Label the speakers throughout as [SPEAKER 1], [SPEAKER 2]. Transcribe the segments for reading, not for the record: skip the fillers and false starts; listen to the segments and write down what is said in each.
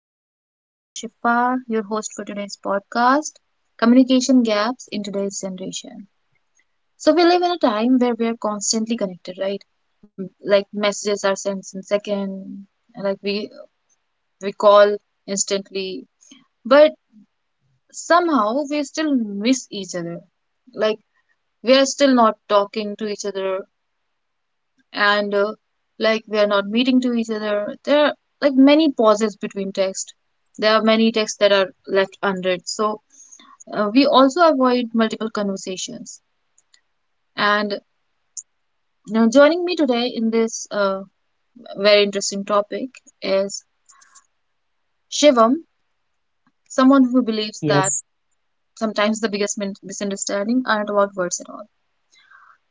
[SPEAKER 1] everyone. I am Shifa, your host for today's podcast Communication Gaps in Today's Generation. So, we live in a time where we are constantly connected, right? Like, messages are sent in second, like, we, we call instantly, but somehow we still miss each other. Like, we are still not talking to each other, and we are not meeting to each other. There are like many pauses between text. There are many texts that are left unread. So, we also avoid multiple conversations. And now joining me today in this very interesting topic is Shivam, someone who believes
[SPEAKER 2] Yes.
[SPEAKER 1] that sometimes the biggest misunderstanding aren't about words at all.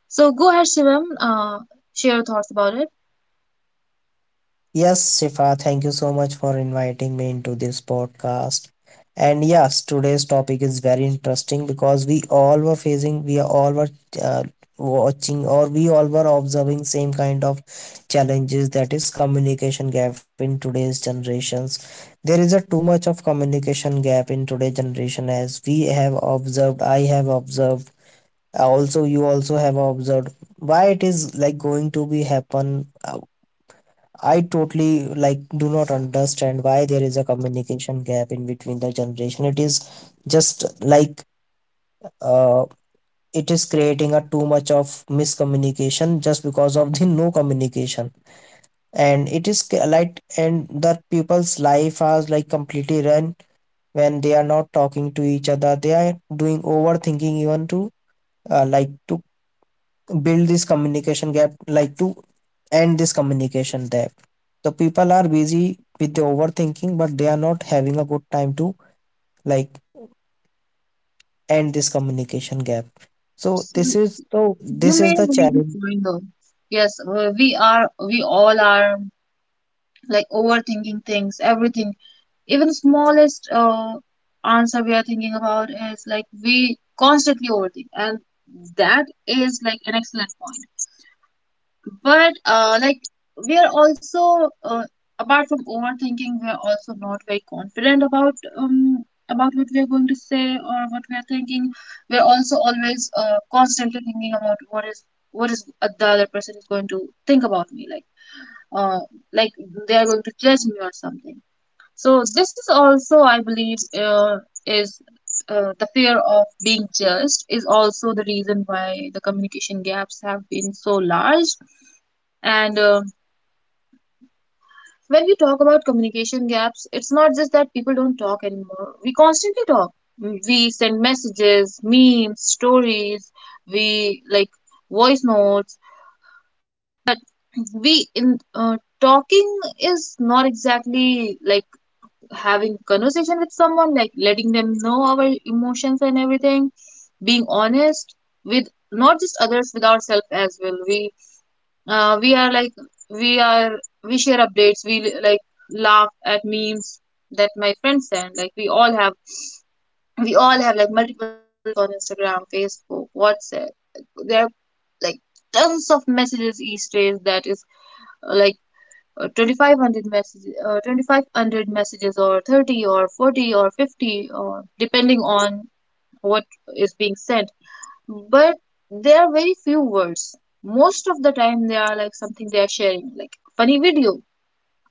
[SPEAKER 1] So go ahead, Shivam, share your thoughts about it.
[SPEAKER 2] Yes, Shifa, thank you so much for inviting me into this podcast. And yes, today's topic is very interesting because we all were facing, we all were uh, watching or we all were observing same kind of challenges, that is communication gap in today's generations. There is a too much of communication gap in today's generation. As we have observed, I have observed, also you also have observed why it is like going to be happen. I totally like do not understand why there is a communication gap in between the generation. It is just like uh, it is creating a too much of miscommunication just because of the no communication. And it is ca- like and the people's life are like completely run when they are not talking to each other. They are doing overthinking even to build this communication gap, like to end this communication gap. The people are busy with the overthinking, but they are not having a good time to like end this communication gap. So
[SPEAKER 1] So
[SPEAKER 2] this is so
[SPEAKER 1] you
[SPEAKER 2] this is
[SPEAKER 1] made
[SPEAKER 2] the
[SPEAKER 1] a very good
[SPEAKER 2] challenge.
[SPEAKER 1] point though. Yes, we all are like overthinking things, everything even smallest answer we are thinking about is like we constantly overthink, and that is like an excellent point, but we are also apart from overthinking we are also not very confident about what we are going to say or what we are thinking. We are also always constantly thinking about what is the other person is going to think about me, like uh, like they are going to judge me or something. So this is also, I believe, is the fear of being judged is also the reason why the communication gaps have been so large. And when we talk about communication gaps, it's not just that people don't talk anymore. We constantly talk. We send messages, memes, stories. We like voice notes, but we in talking is not exactly like having conversation with someone, like letting them know our emotions and everything, being honest with not just others, with ourselves as well. We uh, we are like we are we share updates, we like laugh at memes that my friends send, like we all have like multiple friends on Instagram, Facebook, WhatsApp. There are like tons of messages each day, that is uh, like 2,500 messages 2,500 messages or 30 or 40 or 50, or depending on what is being said. But there are very few words. Most of the time they are like something they are sharing, like a funny video,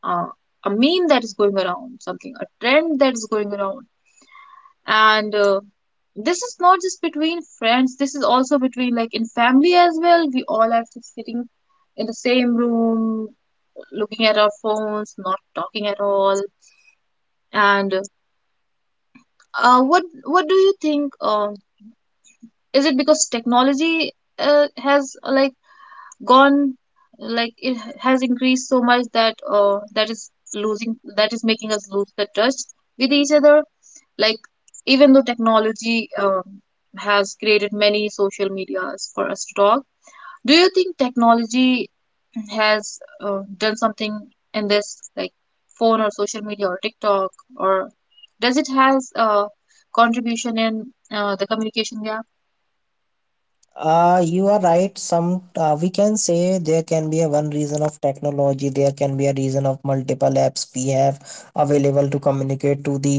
[SPEAKER 1] uh, a meme that is going around, something, a trend that is going around. And this is not just between friends, this is also between like in family as well. We all are just sitting in the same room, looking at our phones, not talking at all. And what do you think? Is it because technology has like gone like it has increased so much that that is losing, that is making us lose the touch with each other? Like even though technology has created many social medias for us to talk. Do you think technology has done something in this, like phone or social media or TikTok, or does it has a contribution in the communication gap?
[SPEAKER 2] You are right. Some, we can say there can be a one reason of technology, there can be a reason of multiple apps we have available to communicate to the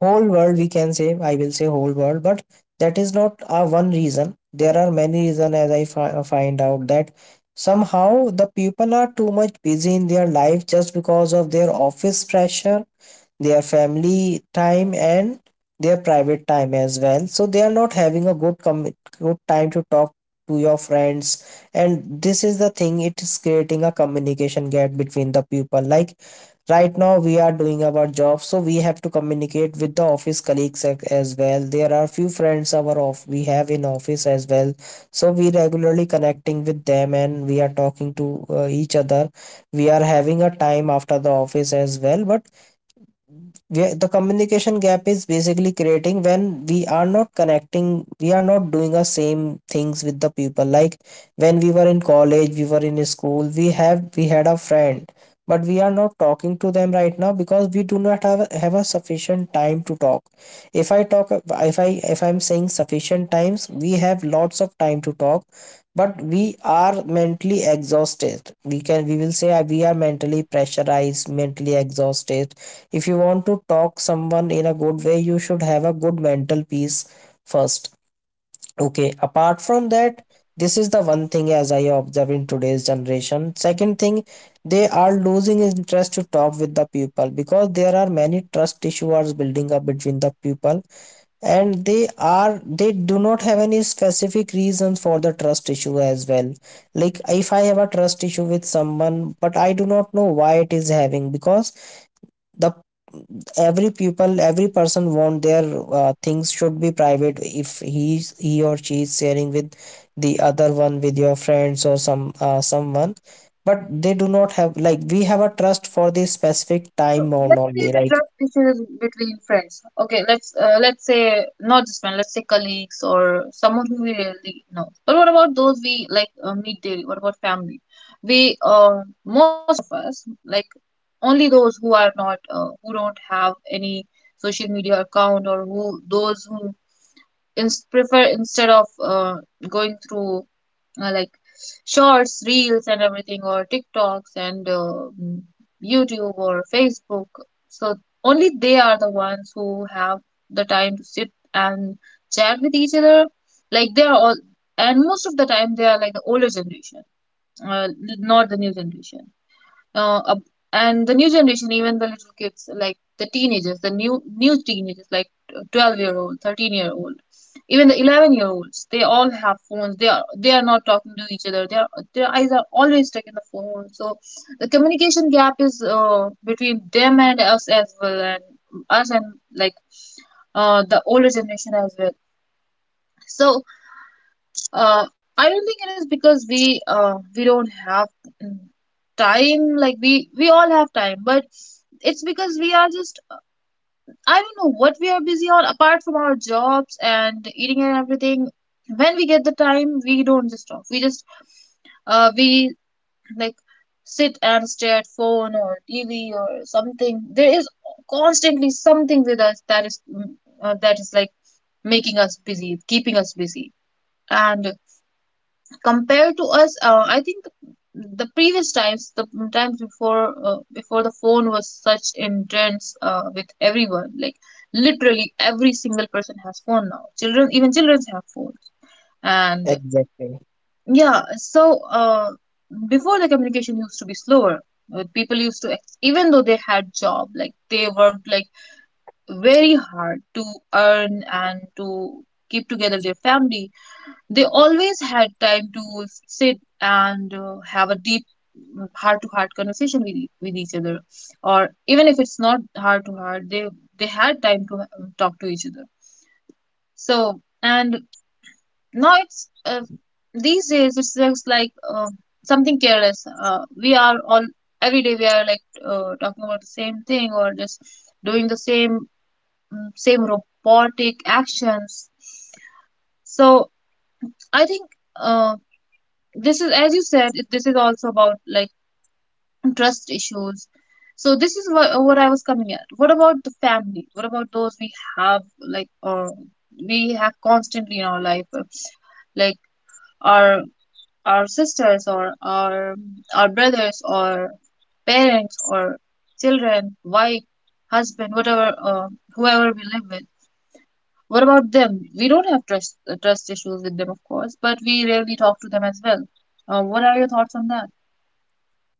[SPEAKER 2] whole world, we can say. I will say whole world, but that is not a one reason. There are many reasons, as I find out that somehow the people are too much busy in their life just because of their office pressure, their family time, and their private time as well, so they are not having a good good time to talk to your friends. And this is the thing, it is creating a communication gap between the people. Like right now we are doing our job, so we have to communicate with the office colleagues as well. There are few friends our off we have in office as well, so we regularly connecting with them and we are talking to each other. We are having a time after the office as well, but the communication gap is basically creating when we are not connecting, we are not doing the same things with the people. Like when we were in college, we were in school, we have we had a friend, but we are not talking to them right now because we do not have a sufficient time to talk. If i talk if i if i'm saying sufficient times, we have lots of time to talk, but we are mentally exhausted. We will say we are mentally pressurized, mentally exhausted. If you want to talk someone in a good way, you should have a good mental peace first. Okay, apart from that, this is the one thing as I observe in today's generation. Second thing, they are losing interest to talk with the people because there are many trust issues building up between the people, and they do not have any specific reasons for the trust issue as well. Like if I have a trust issue with someone, but I do not know why it is having, because the every people, every person want their things should be private if he or she is sharing with the other one, with your friends or some someone. But they do not have, like we have a trust for this specific time
[SPEAKER 1] So
[SPEAKER 2] bound
[SPEAKER 1] let's say
[SPEAKER 2] only.
[SPEAKER 1] the
[SPEAKER 2] Like
[SPEAKER 1] trust issues between friends. Okay, let's say not just friends. Let's say colleagues or someone who we really know. But what about those we like meet daily? What about family? We most of us like only those who are not who don't have any social media account, or who those who prefer instead of going through uh, like shorts, reels, and everything, or TikToks and YouTube or Facebook. So only they are the ones who have the time to sit and chat with each other. Like they are all, and most of the time they are like the older generation, uh, not the new generation uh, up- and the new generation, even the little kids like the teenagers, the new teenagers like 12-year old, 13-year old, even the 11-year olds, they all have phones. They are not talking to each other, their eyes are always stuck in the phone. So the communication gap is between them and us as well, and us and like the older generation as well. So uh, I don't think it is because we don't have mm, time. Like we all have time, but it's because we are just, I don't know what we are busy on apart from our jobs and eating and everything. When we get the time, we don't just talk. We just we like sit and stare at phone or TV or something. There is constantly something with us that is that is like making us busy, keeping us busy, and compared to us I think the previous times, the times before before the phone was such intense with everyone, like literally every single person has phone now, children, even children have phones. And
[SPEAKER 2] exactly.
[SPEAKER 1] yeah, so uh, before the communication used to be slower. People used to even though they had job, like they worked like very hard to earn and to keep together their family, they always had time to sit and have a deep heart to heart conversation with, with each other, or even if it's not heart to heart, they had time to talk to each other. So and now it's these days it's just like something careless. We are all, every day we are like talking about the same thing, or just doing the same robotic actions. So I think uh, this is, as you said it, this is also about like trust issues. So this is what I was coming at. What about the family, what about those we have like or we have constantly in our life like our our sisters, or our brothers, or parents, or children, wife, husband, whatever, whoever we live with. What about them? We don't have trust trust issues with them, of course, but we rarely talk to them as well. What are your thoughts on that?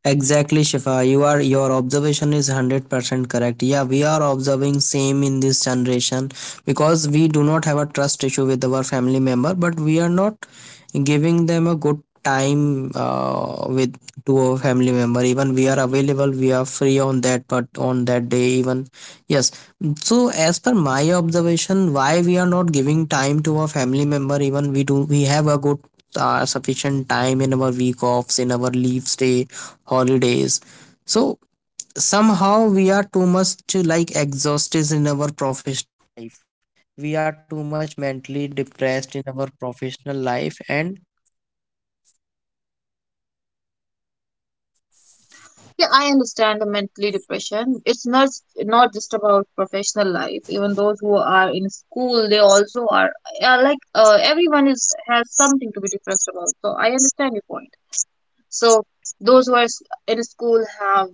[SPEAKER 2] Exactly, Shifa. You are, your observation is 100% correct. Yeah, we are observing same in this generation because we do not have a trust issue with our family member, but we are not giving them a good time with to a family member even we are available, we are free on that, but on that day even. Yes. So as per my observation, why we are not giving time to our family member even we have a good sufficient time in our week offs, in our leaves day, holidays. So somehow we are too much like exhausted in.
[SPEAKER 1] Yeah, I understand the mentally depression. It's not, not just about professional life. Even those who are in school, they also are like everyone is has something to be depressed about. So I understand your point. So those who are in school have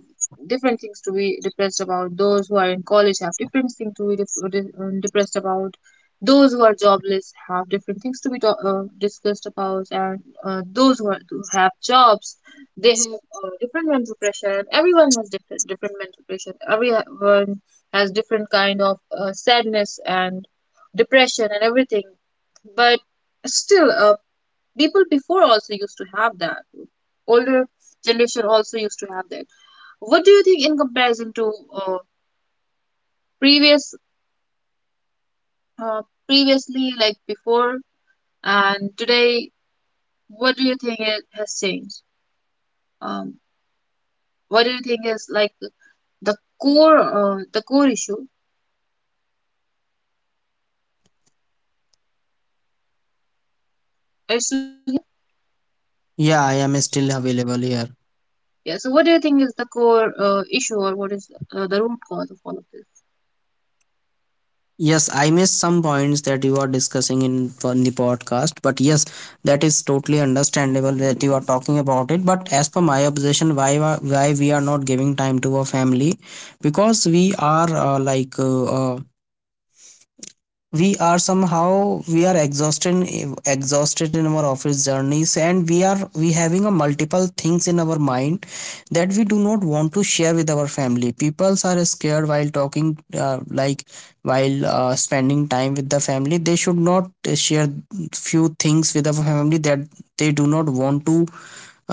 [SPEAKER 1] different things to be depressed about. Those who are in college have different things to be depressed about. Those who are jobless have different things to be discussed about, and those who, are, who have jobs, they have different mental pressure. And everyone has different mental pressure. Everyone has different kind of sadness and depression and everything. But still, people before also used to have that, older generation also used to have that. What do you think in comparison to uh, previous uh, previously, like before and today, what do you think it has changed? um, what do you think is like the core issue is still here?
[SPEAKER 2] Yeah, I am still available here.
[SPEAKER 1] Yeah, so what do you think is the core issue, or what is the root cause of all of this?
[SPEAKER 2] Yes, I missed some points that you are discussing in the podcast, but yes, that is totally understandable that you are talking about it. But as per my observation, why why we are not giving time to our family? Because we are uh, somehow we are exhausted in our office journeys, and we having a multiple things in our mind that we do not want to share with our family. People are scared while talking, while spending time with the family they should not share few things with our family, that they do not want to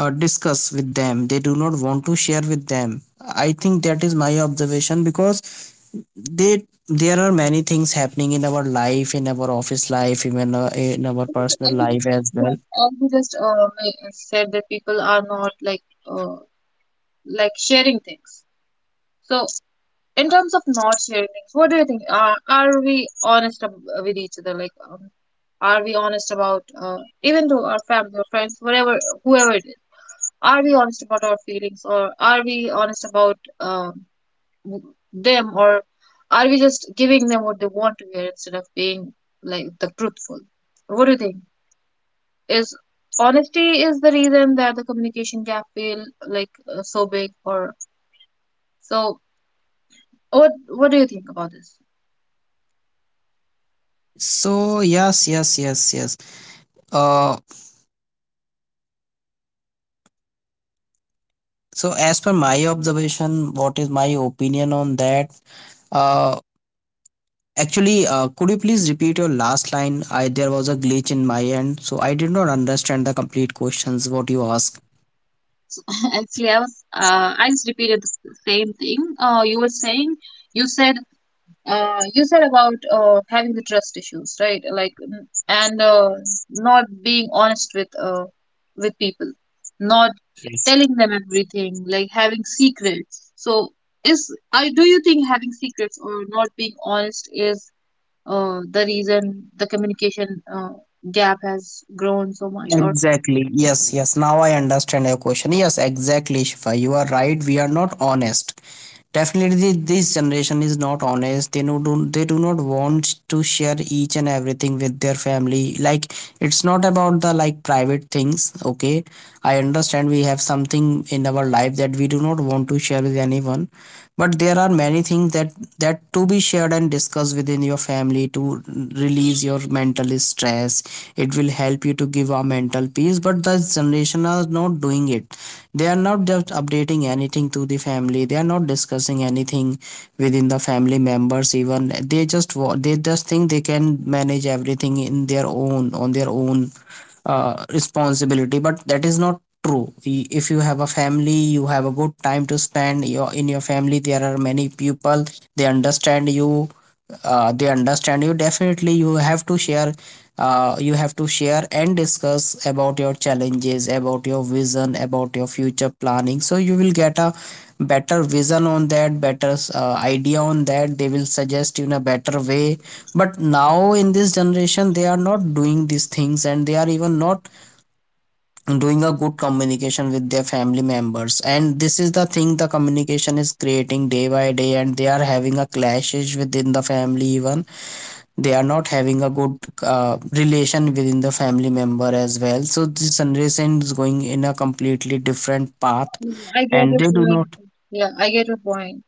[SPEAKER 2] discuss with them, they do not want to share with them. I think that is my observation, because they there are many things happening in our life, in our office life, even in our
[SPEAKER 1] Okay, so I
[SPEAKER 2] personal
[SPEAKER 1] would
[SPEAKER 2] life
[SPEAKER 1] just,
[SPEAKER 2] as well.
[SPEAKER 1] said that people are not like uh, sharing things. So, in terms of not sharing things, what do you think? Are we honest with each other? Like, are we honest about even to our family or friends, whatever, whoever it is? Are we honest about our feelings, or are we honest about w- them, or are we just giving them what they want to hear instead of being like the truthful? What do you think? Is honesty is the reason that the communication gap feel like so big, or so? What do you think about this?
[SPEAKER 2] So uh so as per my observation, what is my opinion on that, uh actually, could you please repeat your last line? I, there was a glitch in my end, so I did not understand the complete questions what you asked.
[SPEAKER 1] Actually, I was I just repeated the same thing. You were saying, you said you said about having the trust issues, right? Like and not being honest with people, not
[SPEAKER 2] Yes,
[SPEAKER 1] telling them everything, like having secrets. So is I, do you think having secrets or not being honest is the reason the communication gap has grown so much? Or
[SPEAKER 2] exactly. Yes, yes. Now I understand your question. Yes, exactly, Shifa. You are right. We are not honest. Definitely this generation is not honest. They do not want to share each and everything with their family. Like it's not about the like private things. Okay, I understand we have something in our life that we do not want to share with anyone, but there are many things that to be shared and discussed within your family to release your mental stress. It will help you to give a mental peace, but the generation are not doing it. They are not just updating anything to the family, they are not discussing anything within the family members, even they just think they can manage everything in their own, on their own responsibility, but that is not true. If you have a family, you have a good time to spend your in your family. There are many people, they understand you, they understand you. Definitely you have to share, you have to share and discuss about your challenges, about your vision, about your future planning, so you will get a better vision on that, better idea on that. They will suggest you in a better way. But now in this generation, they are not doing these things, and they are even not doing a good communication with their family members, and this is the thing, the communication is creating day by day, and they are having a clashes within the family. Even they are not having a good relation within the family member as well. So this generation is going in a completely different path,
[SPEAKER 1] I get your
[SPEAKER 2] and they do
[SPEAKER 1] point.
[SPEAKER 2] not.
[SPEAKER 1] Yeah, I get your point.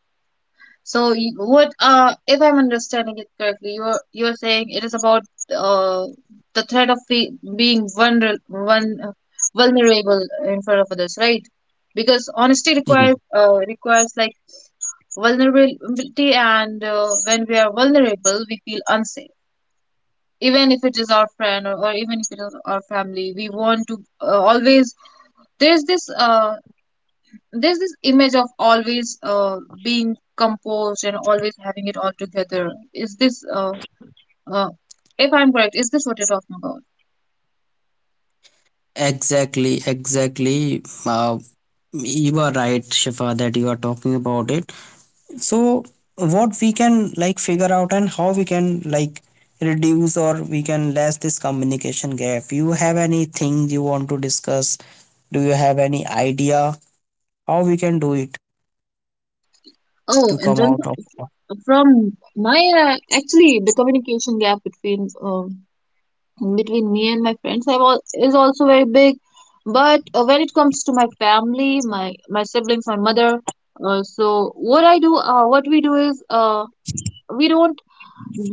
[SPEAKER 1] So what if I'm understanding it correctly, you're saying it is about uh the threat of fe being vulnerable in front of others, right? Because honesty
[SPEAKER 2] Yeah.
[SPEAKER 1] requires requires like vulnerability, and when we are vulnerable, we feel unsafe. Even if it is our friend or even if it is our family, we want to always there's this uh there's this image of always being composed and always having it all together. Is this, uh, if I'm correct, is this what you're talking about?
[SPEAKER 2] Exactly, you are right, Shifa, that you are talking about it. So what we can like figure out, and how we can like reduce, or we can less this communication gap? You have anything you want to discuss? Do you have any idea how we can do it
[SPEAKER 1] Oh,
[SPEAKER 2] to
[SPEAKER 1] in
[SPEAKER 2] come
[SPEAKER 1] terms
[SPEAKER 2] out of?
[SPEAKER 1] of- from my actually the communication gap between me and my friends have all, is also very big. But when it comes to my family, my siblings, my mother, so what I do, what we do is we don't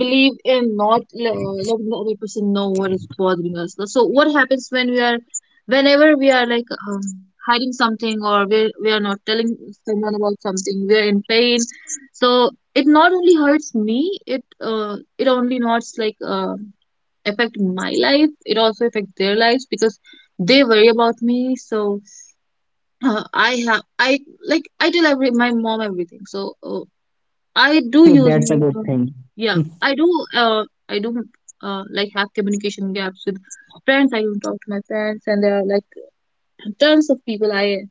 [SPEAKER 1] believe in not le- letting the other person know what is bothering us. So what happens when we are, whenever we are hiding something or we are not telling someone about something, we are in pain. So it not only hurts me, it only not affect my life. It also affect their lives because they worry about me. So I have I like I tell every my mom everything. So I do use
[SPEAKER 2] That's
[SPEAKER 1] my
[SPEAKER 2] a good
[SPEAKER 1] phone.
[SPEAKER 2] thing.
[SPEAKER 1] Yeah, I do. I do. Like have communication gaps with friends. I don't talk to my friends, and there are like tons of people I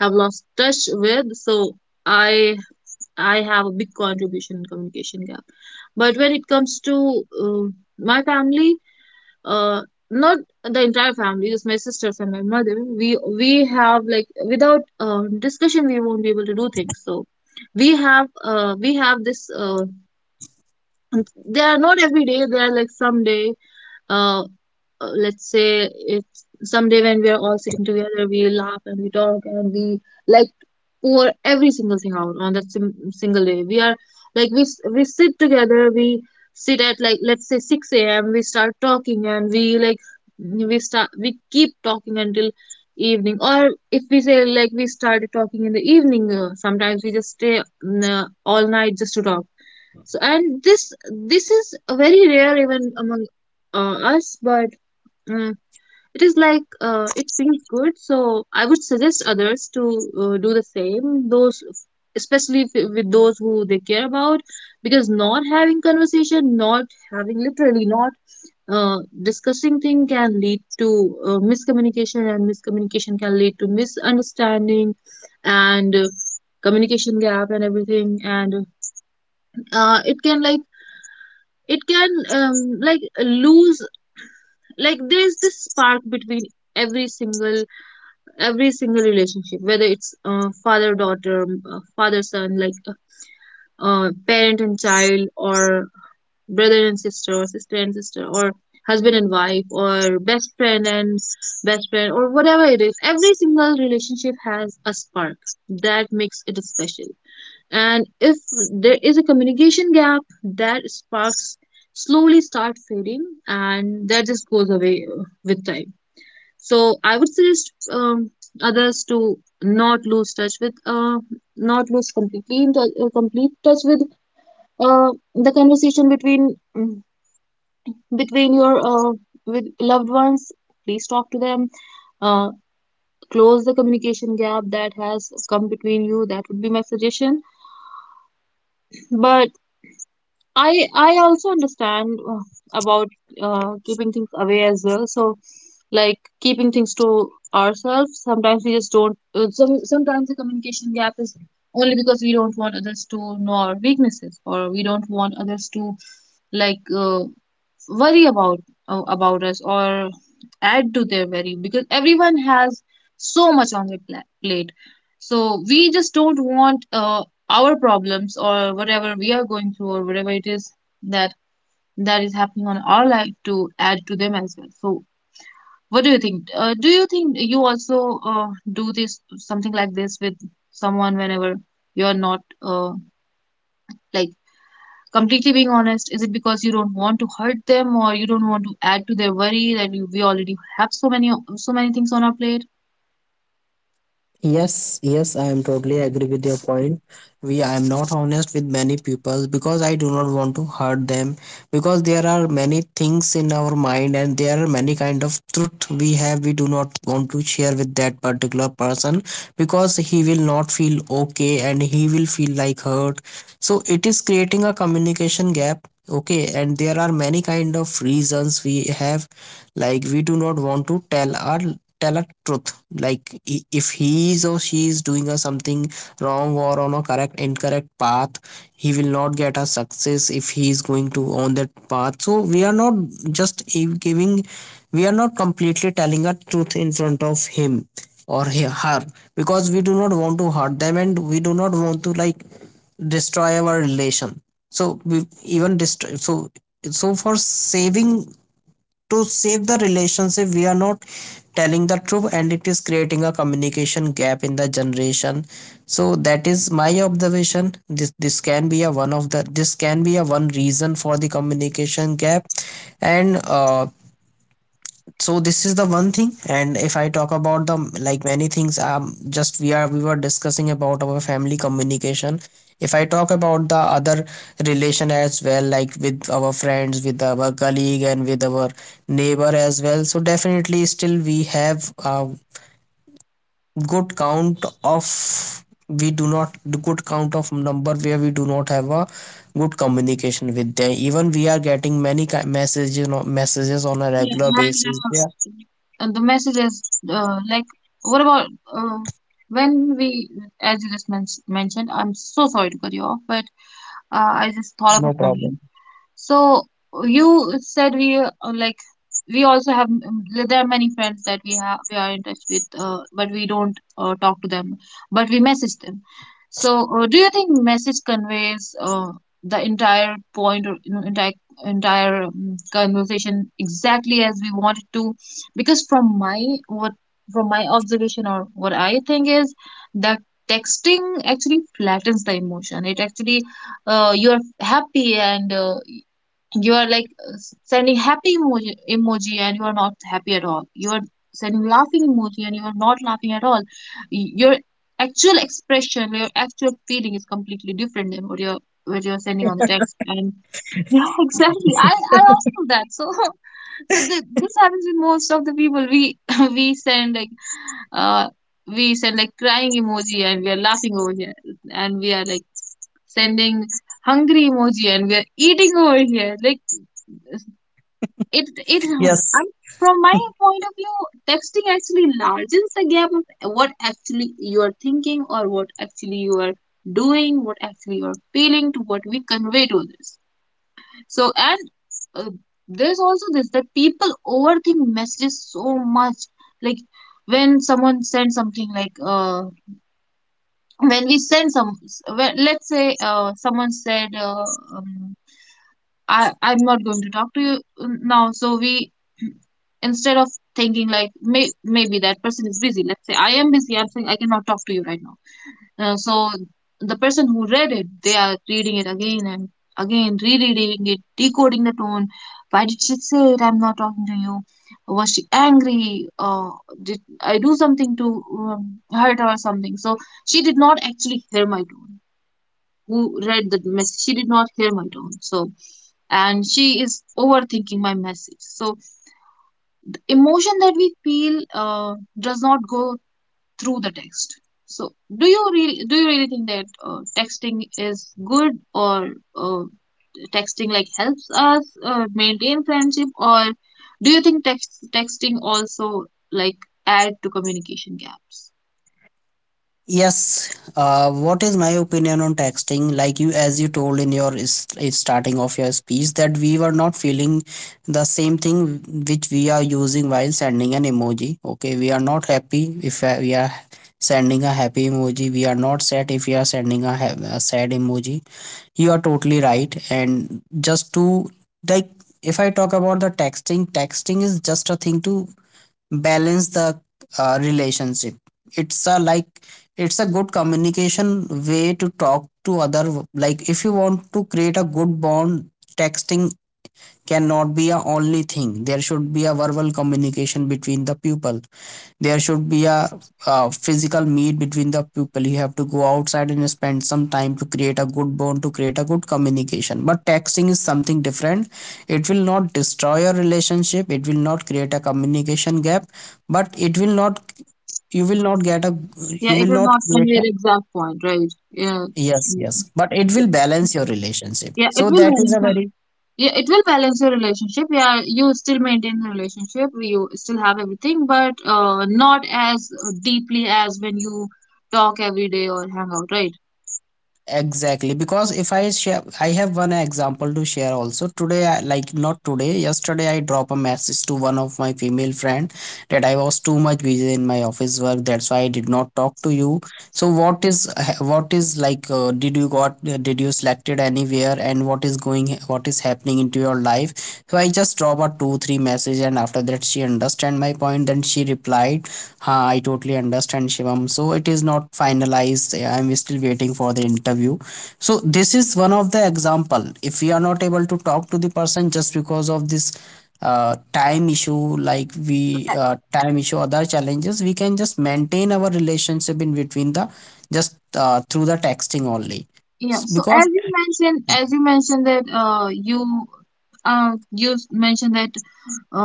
[SPEAKER 1] have lost touch with. So I I have a big contribution in communication gap. But when it comes to my family, uh, not the entire family, just my sisters and my mother, we have like without discussion we won't be able to do things. So we have this. And they are not every day, they are like someday uh let's say it's someday when we are all sitting together, we laugh and we talk and we like pour every single thing out on that single day. We are like we sit together, we sit at like let's say 6 a.m, we start talking and we like we start we keep talking until evening. Or if we say like we started talking in the evening, sometimes we just stay all night just to talk. So, and this is very rare even among us, but uh, it is it feels good. So I would suggest others to do the same. Those, especially if, with those who they care about, because not having conversation, not having literally not discussing thing can lead to miscommunication, and miscommunication can lead to misunderstanding, and communication gap and everything, and uh, it can like it can like lose like there is this spark between every single every single relationship, whether it's father daughter, father son, like parent and child, or brother and sister, or sister and sister, or husband and wife, or best friend and best friend, or whatever it is. Every single relationship has a spark that makes it special, and if there is a communication gap, that sparks slowly start fading and that just goes away with time. So I would suggest others to not lose touch with not lose completely in complete touch with the conversation between between your with loved ones. Please talk to them. uh, Close the communication gap that has come between you. That would be my suggestion. But I also understand about keeping things away as well. So, like keeping things to ourselves, sometimes we just don't. Sometimes the communication gap is only because we don't want others to know our weaknesses, or we don't want others to like uh, worry about us or add to their worry, because everyone has so much on their plate. So we just don't want our problems or whatever we are going through or whatever it is that that is happening on our life to add to them as well. So what do you think? Do you think you also do this something like this with someone whenever you're not like completely being honest? Is it because you don't want to hurt them or you don't want to add to their worry that we already have so many so many things on our plate?
[SPEAKER 2] Yes, yes, I am totally agree with your point. We I am not honest with many people because I do not want to hurt them, because there are many things in our mind, and there are many kind of truth we have we do not want to share with that particular person because he will not feel okay and he will feel like hurt. So it is creating a communication gap. Okay, and there are many kind of reasons we have, like we do not want to tell our tell a truth, like if he is or she is doing a something wrong or on a correct incorrect path. He will not get a success if he is going to on that path, so we are not just giving, we are not completely telling a truth in front of him or her, because we do not want to hurt them and we do not want to like destroy our relation, so we even destroy so, so for saving, to save the relationship we are not telling the truth and it is creating a communication gap in the generation. So that is my observation. This can be a one of the, this can be a one reason for the communication gap. And So this is the one thing, and if I talk about the like many things, just we were discussing about our family communication. If I talk about the other relation as well, like with our friends, with our colleague and with our neighbor as well, so definitely still we have a good count of, we do not, good count of number where we do not have a good communication with them, even we are getting many messages, you know, messages on a
[SPEAKER 1] Yeah.
[SPEAKER 2] regular
[SPEAKER 1] And
[SPEAKER 2] basis. Yeah.
[SPEAKER 1] and the message is like what about uh, when we as you just mentioned, I'm so sorry to cut you off, but I just thought of
[SPEAKER 2] No
[SPEAKER 1] a
[SPEAKER 2] problem.
[SPEAKER 1] point. So you said we like we also have there are many friends that we have we are in touch with, but we don't talk to them, but we message them. So do you think message conveys the entire point, or you know, entire entire conversation exactly as we want it to? Because from my what from my observation or what I think is that texting actually flattens the emotion. It actually you are happy and you are like sending happy emoji and you are not happy at all. You are sending laughing emoji and you are not laughing at all. Your actual expression, your actual feeling is completely different than what you're sending on the text. And yeah exactly, I also do that. So so this happens with most of the people. We we send like uh we send like crying emoji and we are laughing over here, and we are like sending hungry emoji and we're eating over here. Like it I'm,
[SPEAKER 2] Yes,
[SPEAKER 1] from my point of view, texting actually largens the gap of what actually you are thinking or what actually you are doing, what actually you are feeling to what we convey to others. So and uh, there's also this that people overthink messages so much. Like when someone sends something when we send some when, let's say someone said um, I'm not going to talk to you now. So we instead of thinking like maybe that person is busy. Let's say I am busy. I'm saying I cannot talk to you right now. So the person who read it, they are reading it again and again, rereading it, decoding the tone. Why did she say it? I'm not talking to you. Was she angry? Did I do something to hurt her or something? So she did not actually hear my tone. Who read the message? She did not hear my tone. So and she is overthinking my message. So emotion that we feel does not go through the text. So do you really think that texting is good, or uh, texting like helps us maintain friendship? Or do you think texting also like add to communication gaps?
[SPEAKER 2] yes. What is my opinion on texting? Like you, as you told in your is starting of your speech, that we were not feeling the same thing which we are using while sending an emoji. Okay, we are not happy if we are sending a happy emoji. We are not sad if we are sending a, a sad emoji. You are totally right. And just to like, if I talk about the texting, texting is just a thing to balance the relationship. It's a like, it's a good communication way to talk to other, like if you want to create a good bond, texting cannot be a only thing. There should be a verbal communication between the people. There should be a physical meet between the people. You have to go outside and spend some time to create a good bond, to create a good communication, but texting is something different. It will not destroy your relationship, it will not create a communication gap, but it will not, you will not get a,
[SPEAKER 1] Yeah,
[SPEAKER 2] you
[SPEAKER 1] it
[SPEAKER 2] will
[SPEAKER 1] will
[SPEAKER 2] not
[SPEAKER 1] not
[SPEAKER 2] create
[SPEAKER 1] convey
[SPEAKER 2] a,
[SPEAKER 1] the exact point, right? Yeah.
[SPEAKER 2] yes, yes, but it will balance your relationship,
[SPEAKER 1] Yeah, it
[SPEAKER 2] so
[SPEAKER 1] will
[SPEAKER 2] that is a
[SPEAKER 1] balance.
[SPEAKER 2] very,
[SPEAKER 1] Yeah, it will balance your relationship. Yeah, you still maintain the relationship, you still have everything, but not as deeply as when you talk every day or hang out, right?
[SPEAKER 2] exactly. Because if I share, I have one example to share also today. I, like not today, yesterday I drop a message to one of my female friend that I was too much busy in my office work, that's why I did not talk to you. So what is, what is like, did you got, did you selected anywhere and what is going, what is happening into your life? So I just drop a 2-3 message, and after that she understand my point, then she replied, ha, I totally understand Shivam, so it is not finalized, I'm still waiting for the interview. So this is one of the example, if we are not able to talk to the person just because of this time issue, like we, time issue other challenges, we can just maintain our relationship in between the, just through the texting only.
[SPEAKER 1] Yeah. So
[SPEAKER 2] Because
[SPEAKER 1] as you mentioned that you you mentioned that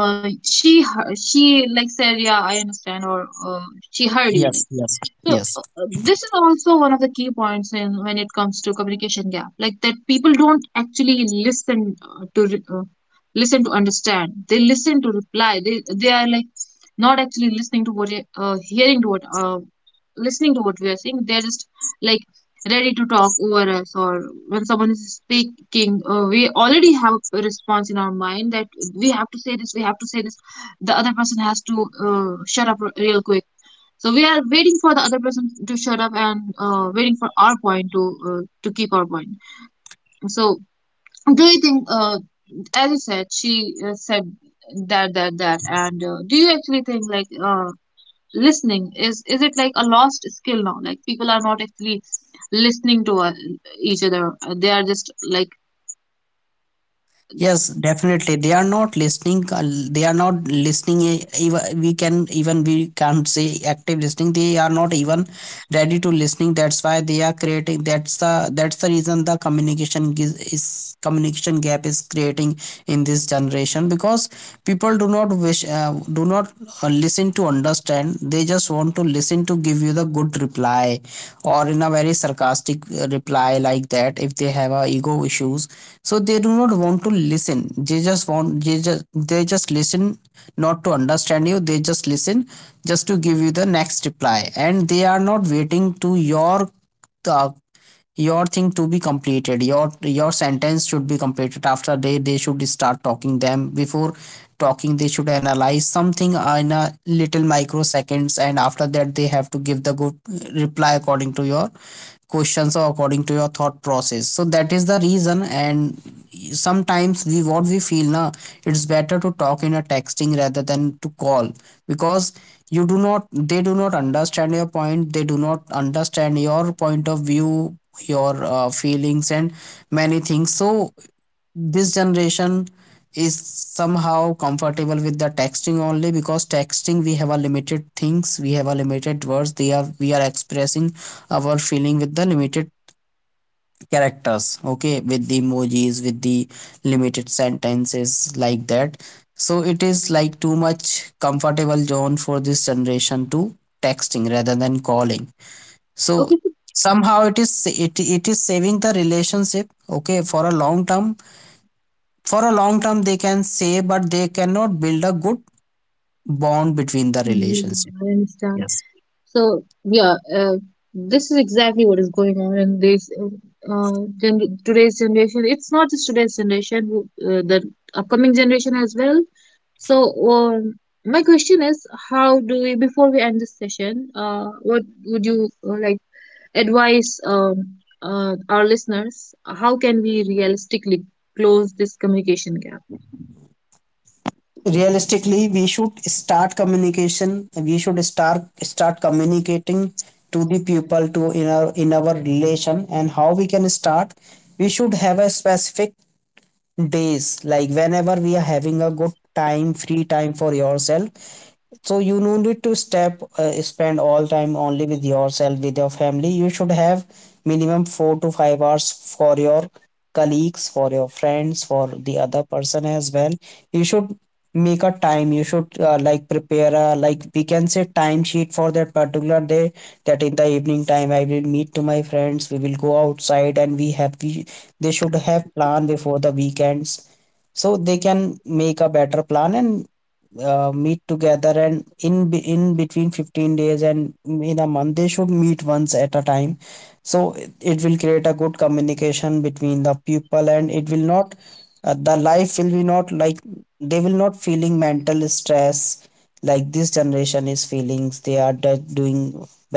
[SPEAKER 1] she she like said yeah I understand, or she heard you
[SPEAKER 2] yes,
[SPEAKER 1] like.
[SPEAKER 2] yes,
[SPEAKER 1] So
[SPEAKER 2] yes.
[SPEAKER 1] this is also one of the key points in when it comes to communication gap, like that people don't actually listen listen to understand. They listen to reply. They are like not actually listening to what you- hearing to what listening to what we are saying. They're just like ready to talk over us. Or when someone is speaking, we already have a response in our mind that we have to say this, the other person has to shut up real quick. So we are waiting for the other person to shut up and waiting for our point to keep our point. So do you think, as you said, she said and do you actually think listening is it like a lost skill now? Like people are not actually listening to each other; they are just like
[SPEAKER 2] Yes, definitely they are not listening. They are not listening, eh, even we can, even we can't say active listening, they are not even ready to listening, that's why they are creating, that's the, that's the reason the communication is communication gap is creating in this generation, because people do not wish, do not listen to understand. They just want to listen to give you the good reply, or in a very sarcastic reply, like that, if they have a ego issues. So they do not want to listen, they just want, they just, they just listen, not to understand you, they just listen just to give you the next reply. And they are not waiting to uh, your thing to be completed, your sentence should be completed. After they should start talking them, before talking they should analyze something in a little microseconds, and after that they have to give the good reply according to your questions or according to your thought process. So that is the reason. And sometimes we what we feel na, it's better to talk in a texting rather than to call, because you do not, they do not understand your point, they do not understand your point of view, your feelings and many things. So this generation is somehow comfortable with the texting only, because texting we have a limited things, we have a limited words, they are we are expressing our feeling with the limited characters, okay, with the emojis, with the limited sentences like that. So it is like too much comfortable zone for this generation to texting rather than calling. So
[SPEAKER 1] okay,
[SPEAKER 2] somehow it is, it is saving the relationship, okay, for a long term, for a long term they can say, but they cannot build a good bond between the relationship.
[SPEAKER 1] I understand.
[SPEAKER 2] Yes.
[SPEAKER 1] So yeah, this is exactly what is going on in this today's generation. It's not just today's generation, the upcoming generation as well. So um, my question is, how do we before we end this session, what would you like advise our listeners? How can we realistically close this communication gap?
[SPEAKER 2] Realistically we should start communication, we should start communicating to the people, to in our, in our relation. And how we can start, we should have a specific days, like whenever we are having a good time, free time for yourself. So you no need to step spend all time only with yourself, with your family. You should have minimum 4 to 5 hours for your colleagues, for your friends, for the other person as well. You should make a time, you should like prepare a, like we can say time sheet for that particular day, that in the evening time I will meet to my friends, we will go outside and we have we, they should have plan before the weekends, so they can make a better plan and meet together. And in in between 15 days and in a month they should meet once at a time. So it will create a good communication between the people, and it will not, the life will be not like, they will not feeling mental stress like this generation is feelings. They are doing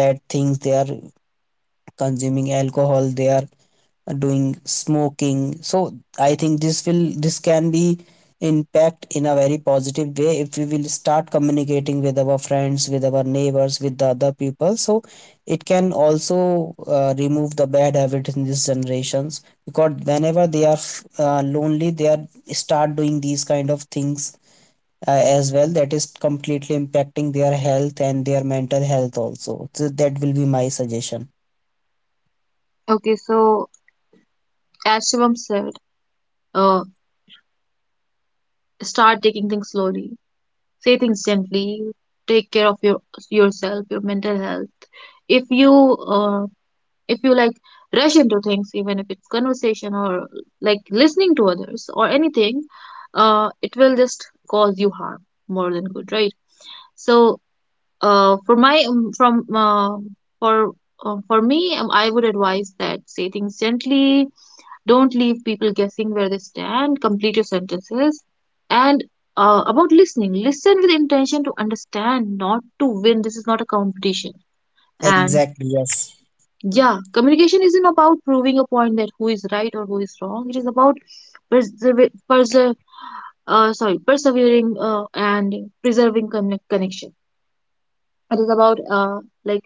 [SPEAKER 2] bad things, they are consuming alcohol, they are doing smoking. So I think this will, this can be impact in a very positive way if we will start communicating with our friends, with our neighbors, with the other people. So it can also remove the bad habit in these generations, because whenever they are lonely, they are start doing these kind of things as well, that is completely impacting their health and their mental health also. So that will be my suggestion.
[SPEAKER 1] Okay, so as Shivam said, uh, start taking things slowly, say things gently, take care of your yourself, your mental health. If you uh, if you like rush into things, even if it's conversation or like listening to others or anything, it will just cause you harm more than good, right? So for my from for for me, I would advise that say things gently, don't leave people guessing where they stand. Complete your sentences. And about listening, listen with intention to understand, not to win. This is not a competition. And
[SPEAKER 2] Exactly, yes.
[SPEAKER 1] yeah, communication isn't about proving a point that who is right or who is wrong. It is about persever- perse- persevering and preserving connection. It is about like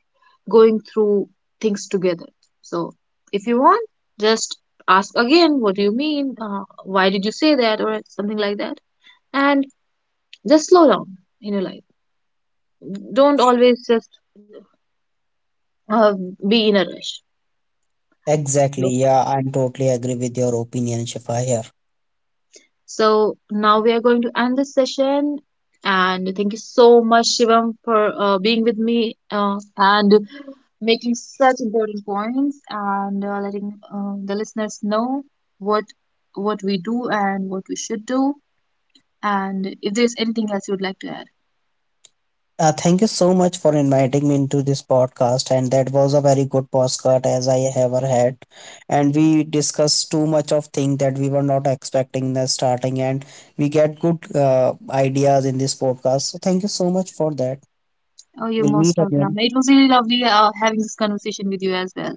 [SPEAKER 1] going through things together. So if you want, just ask again, what do you mean? Why did you say that, or something like that? And just slow down in your life, don't always just uh, be in a rush.
[SPEAKER 2] Exactly,
[SPEAKER 1] You.
[SPEAKER 2] yeah, I'm totally agree with your opinion, Shifa. Here,
[SPEAKER 1] So now we are going to end this session, and thank you so much, Shivam, for being with me and making such important points, and letting the listeners know what what we do and what we should do. And if there's anything else you'd like to add,
[SPEAKER 2] thank you so much for inviting me into this podcast, and that was a very good podcast as I ever had. And we discussed too much of things that we were not expecting in the starting, and we get good ideas in this podcast, so thank you so much for that.
[SPEAKER 1] oh,
[SPEAKER 2] We'll
[SPEAKER 1] you're
[SPEAKER 2] meet
[SPEAKER 1] most
[SPEAKER 2] again.
[SPEAKER 1] welcome. It was really lovely having this conversation with you as well.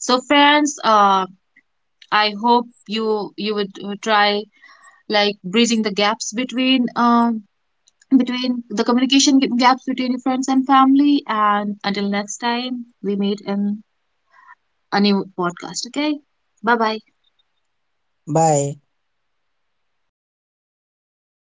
[SPEAKER 1] So, friends, I hope you would try like bridging the gaps between the communication gaps between your friends and family. And until next time, we meet in a new podcast. Okay, bye bye.
[SPEAKER 2] Bye.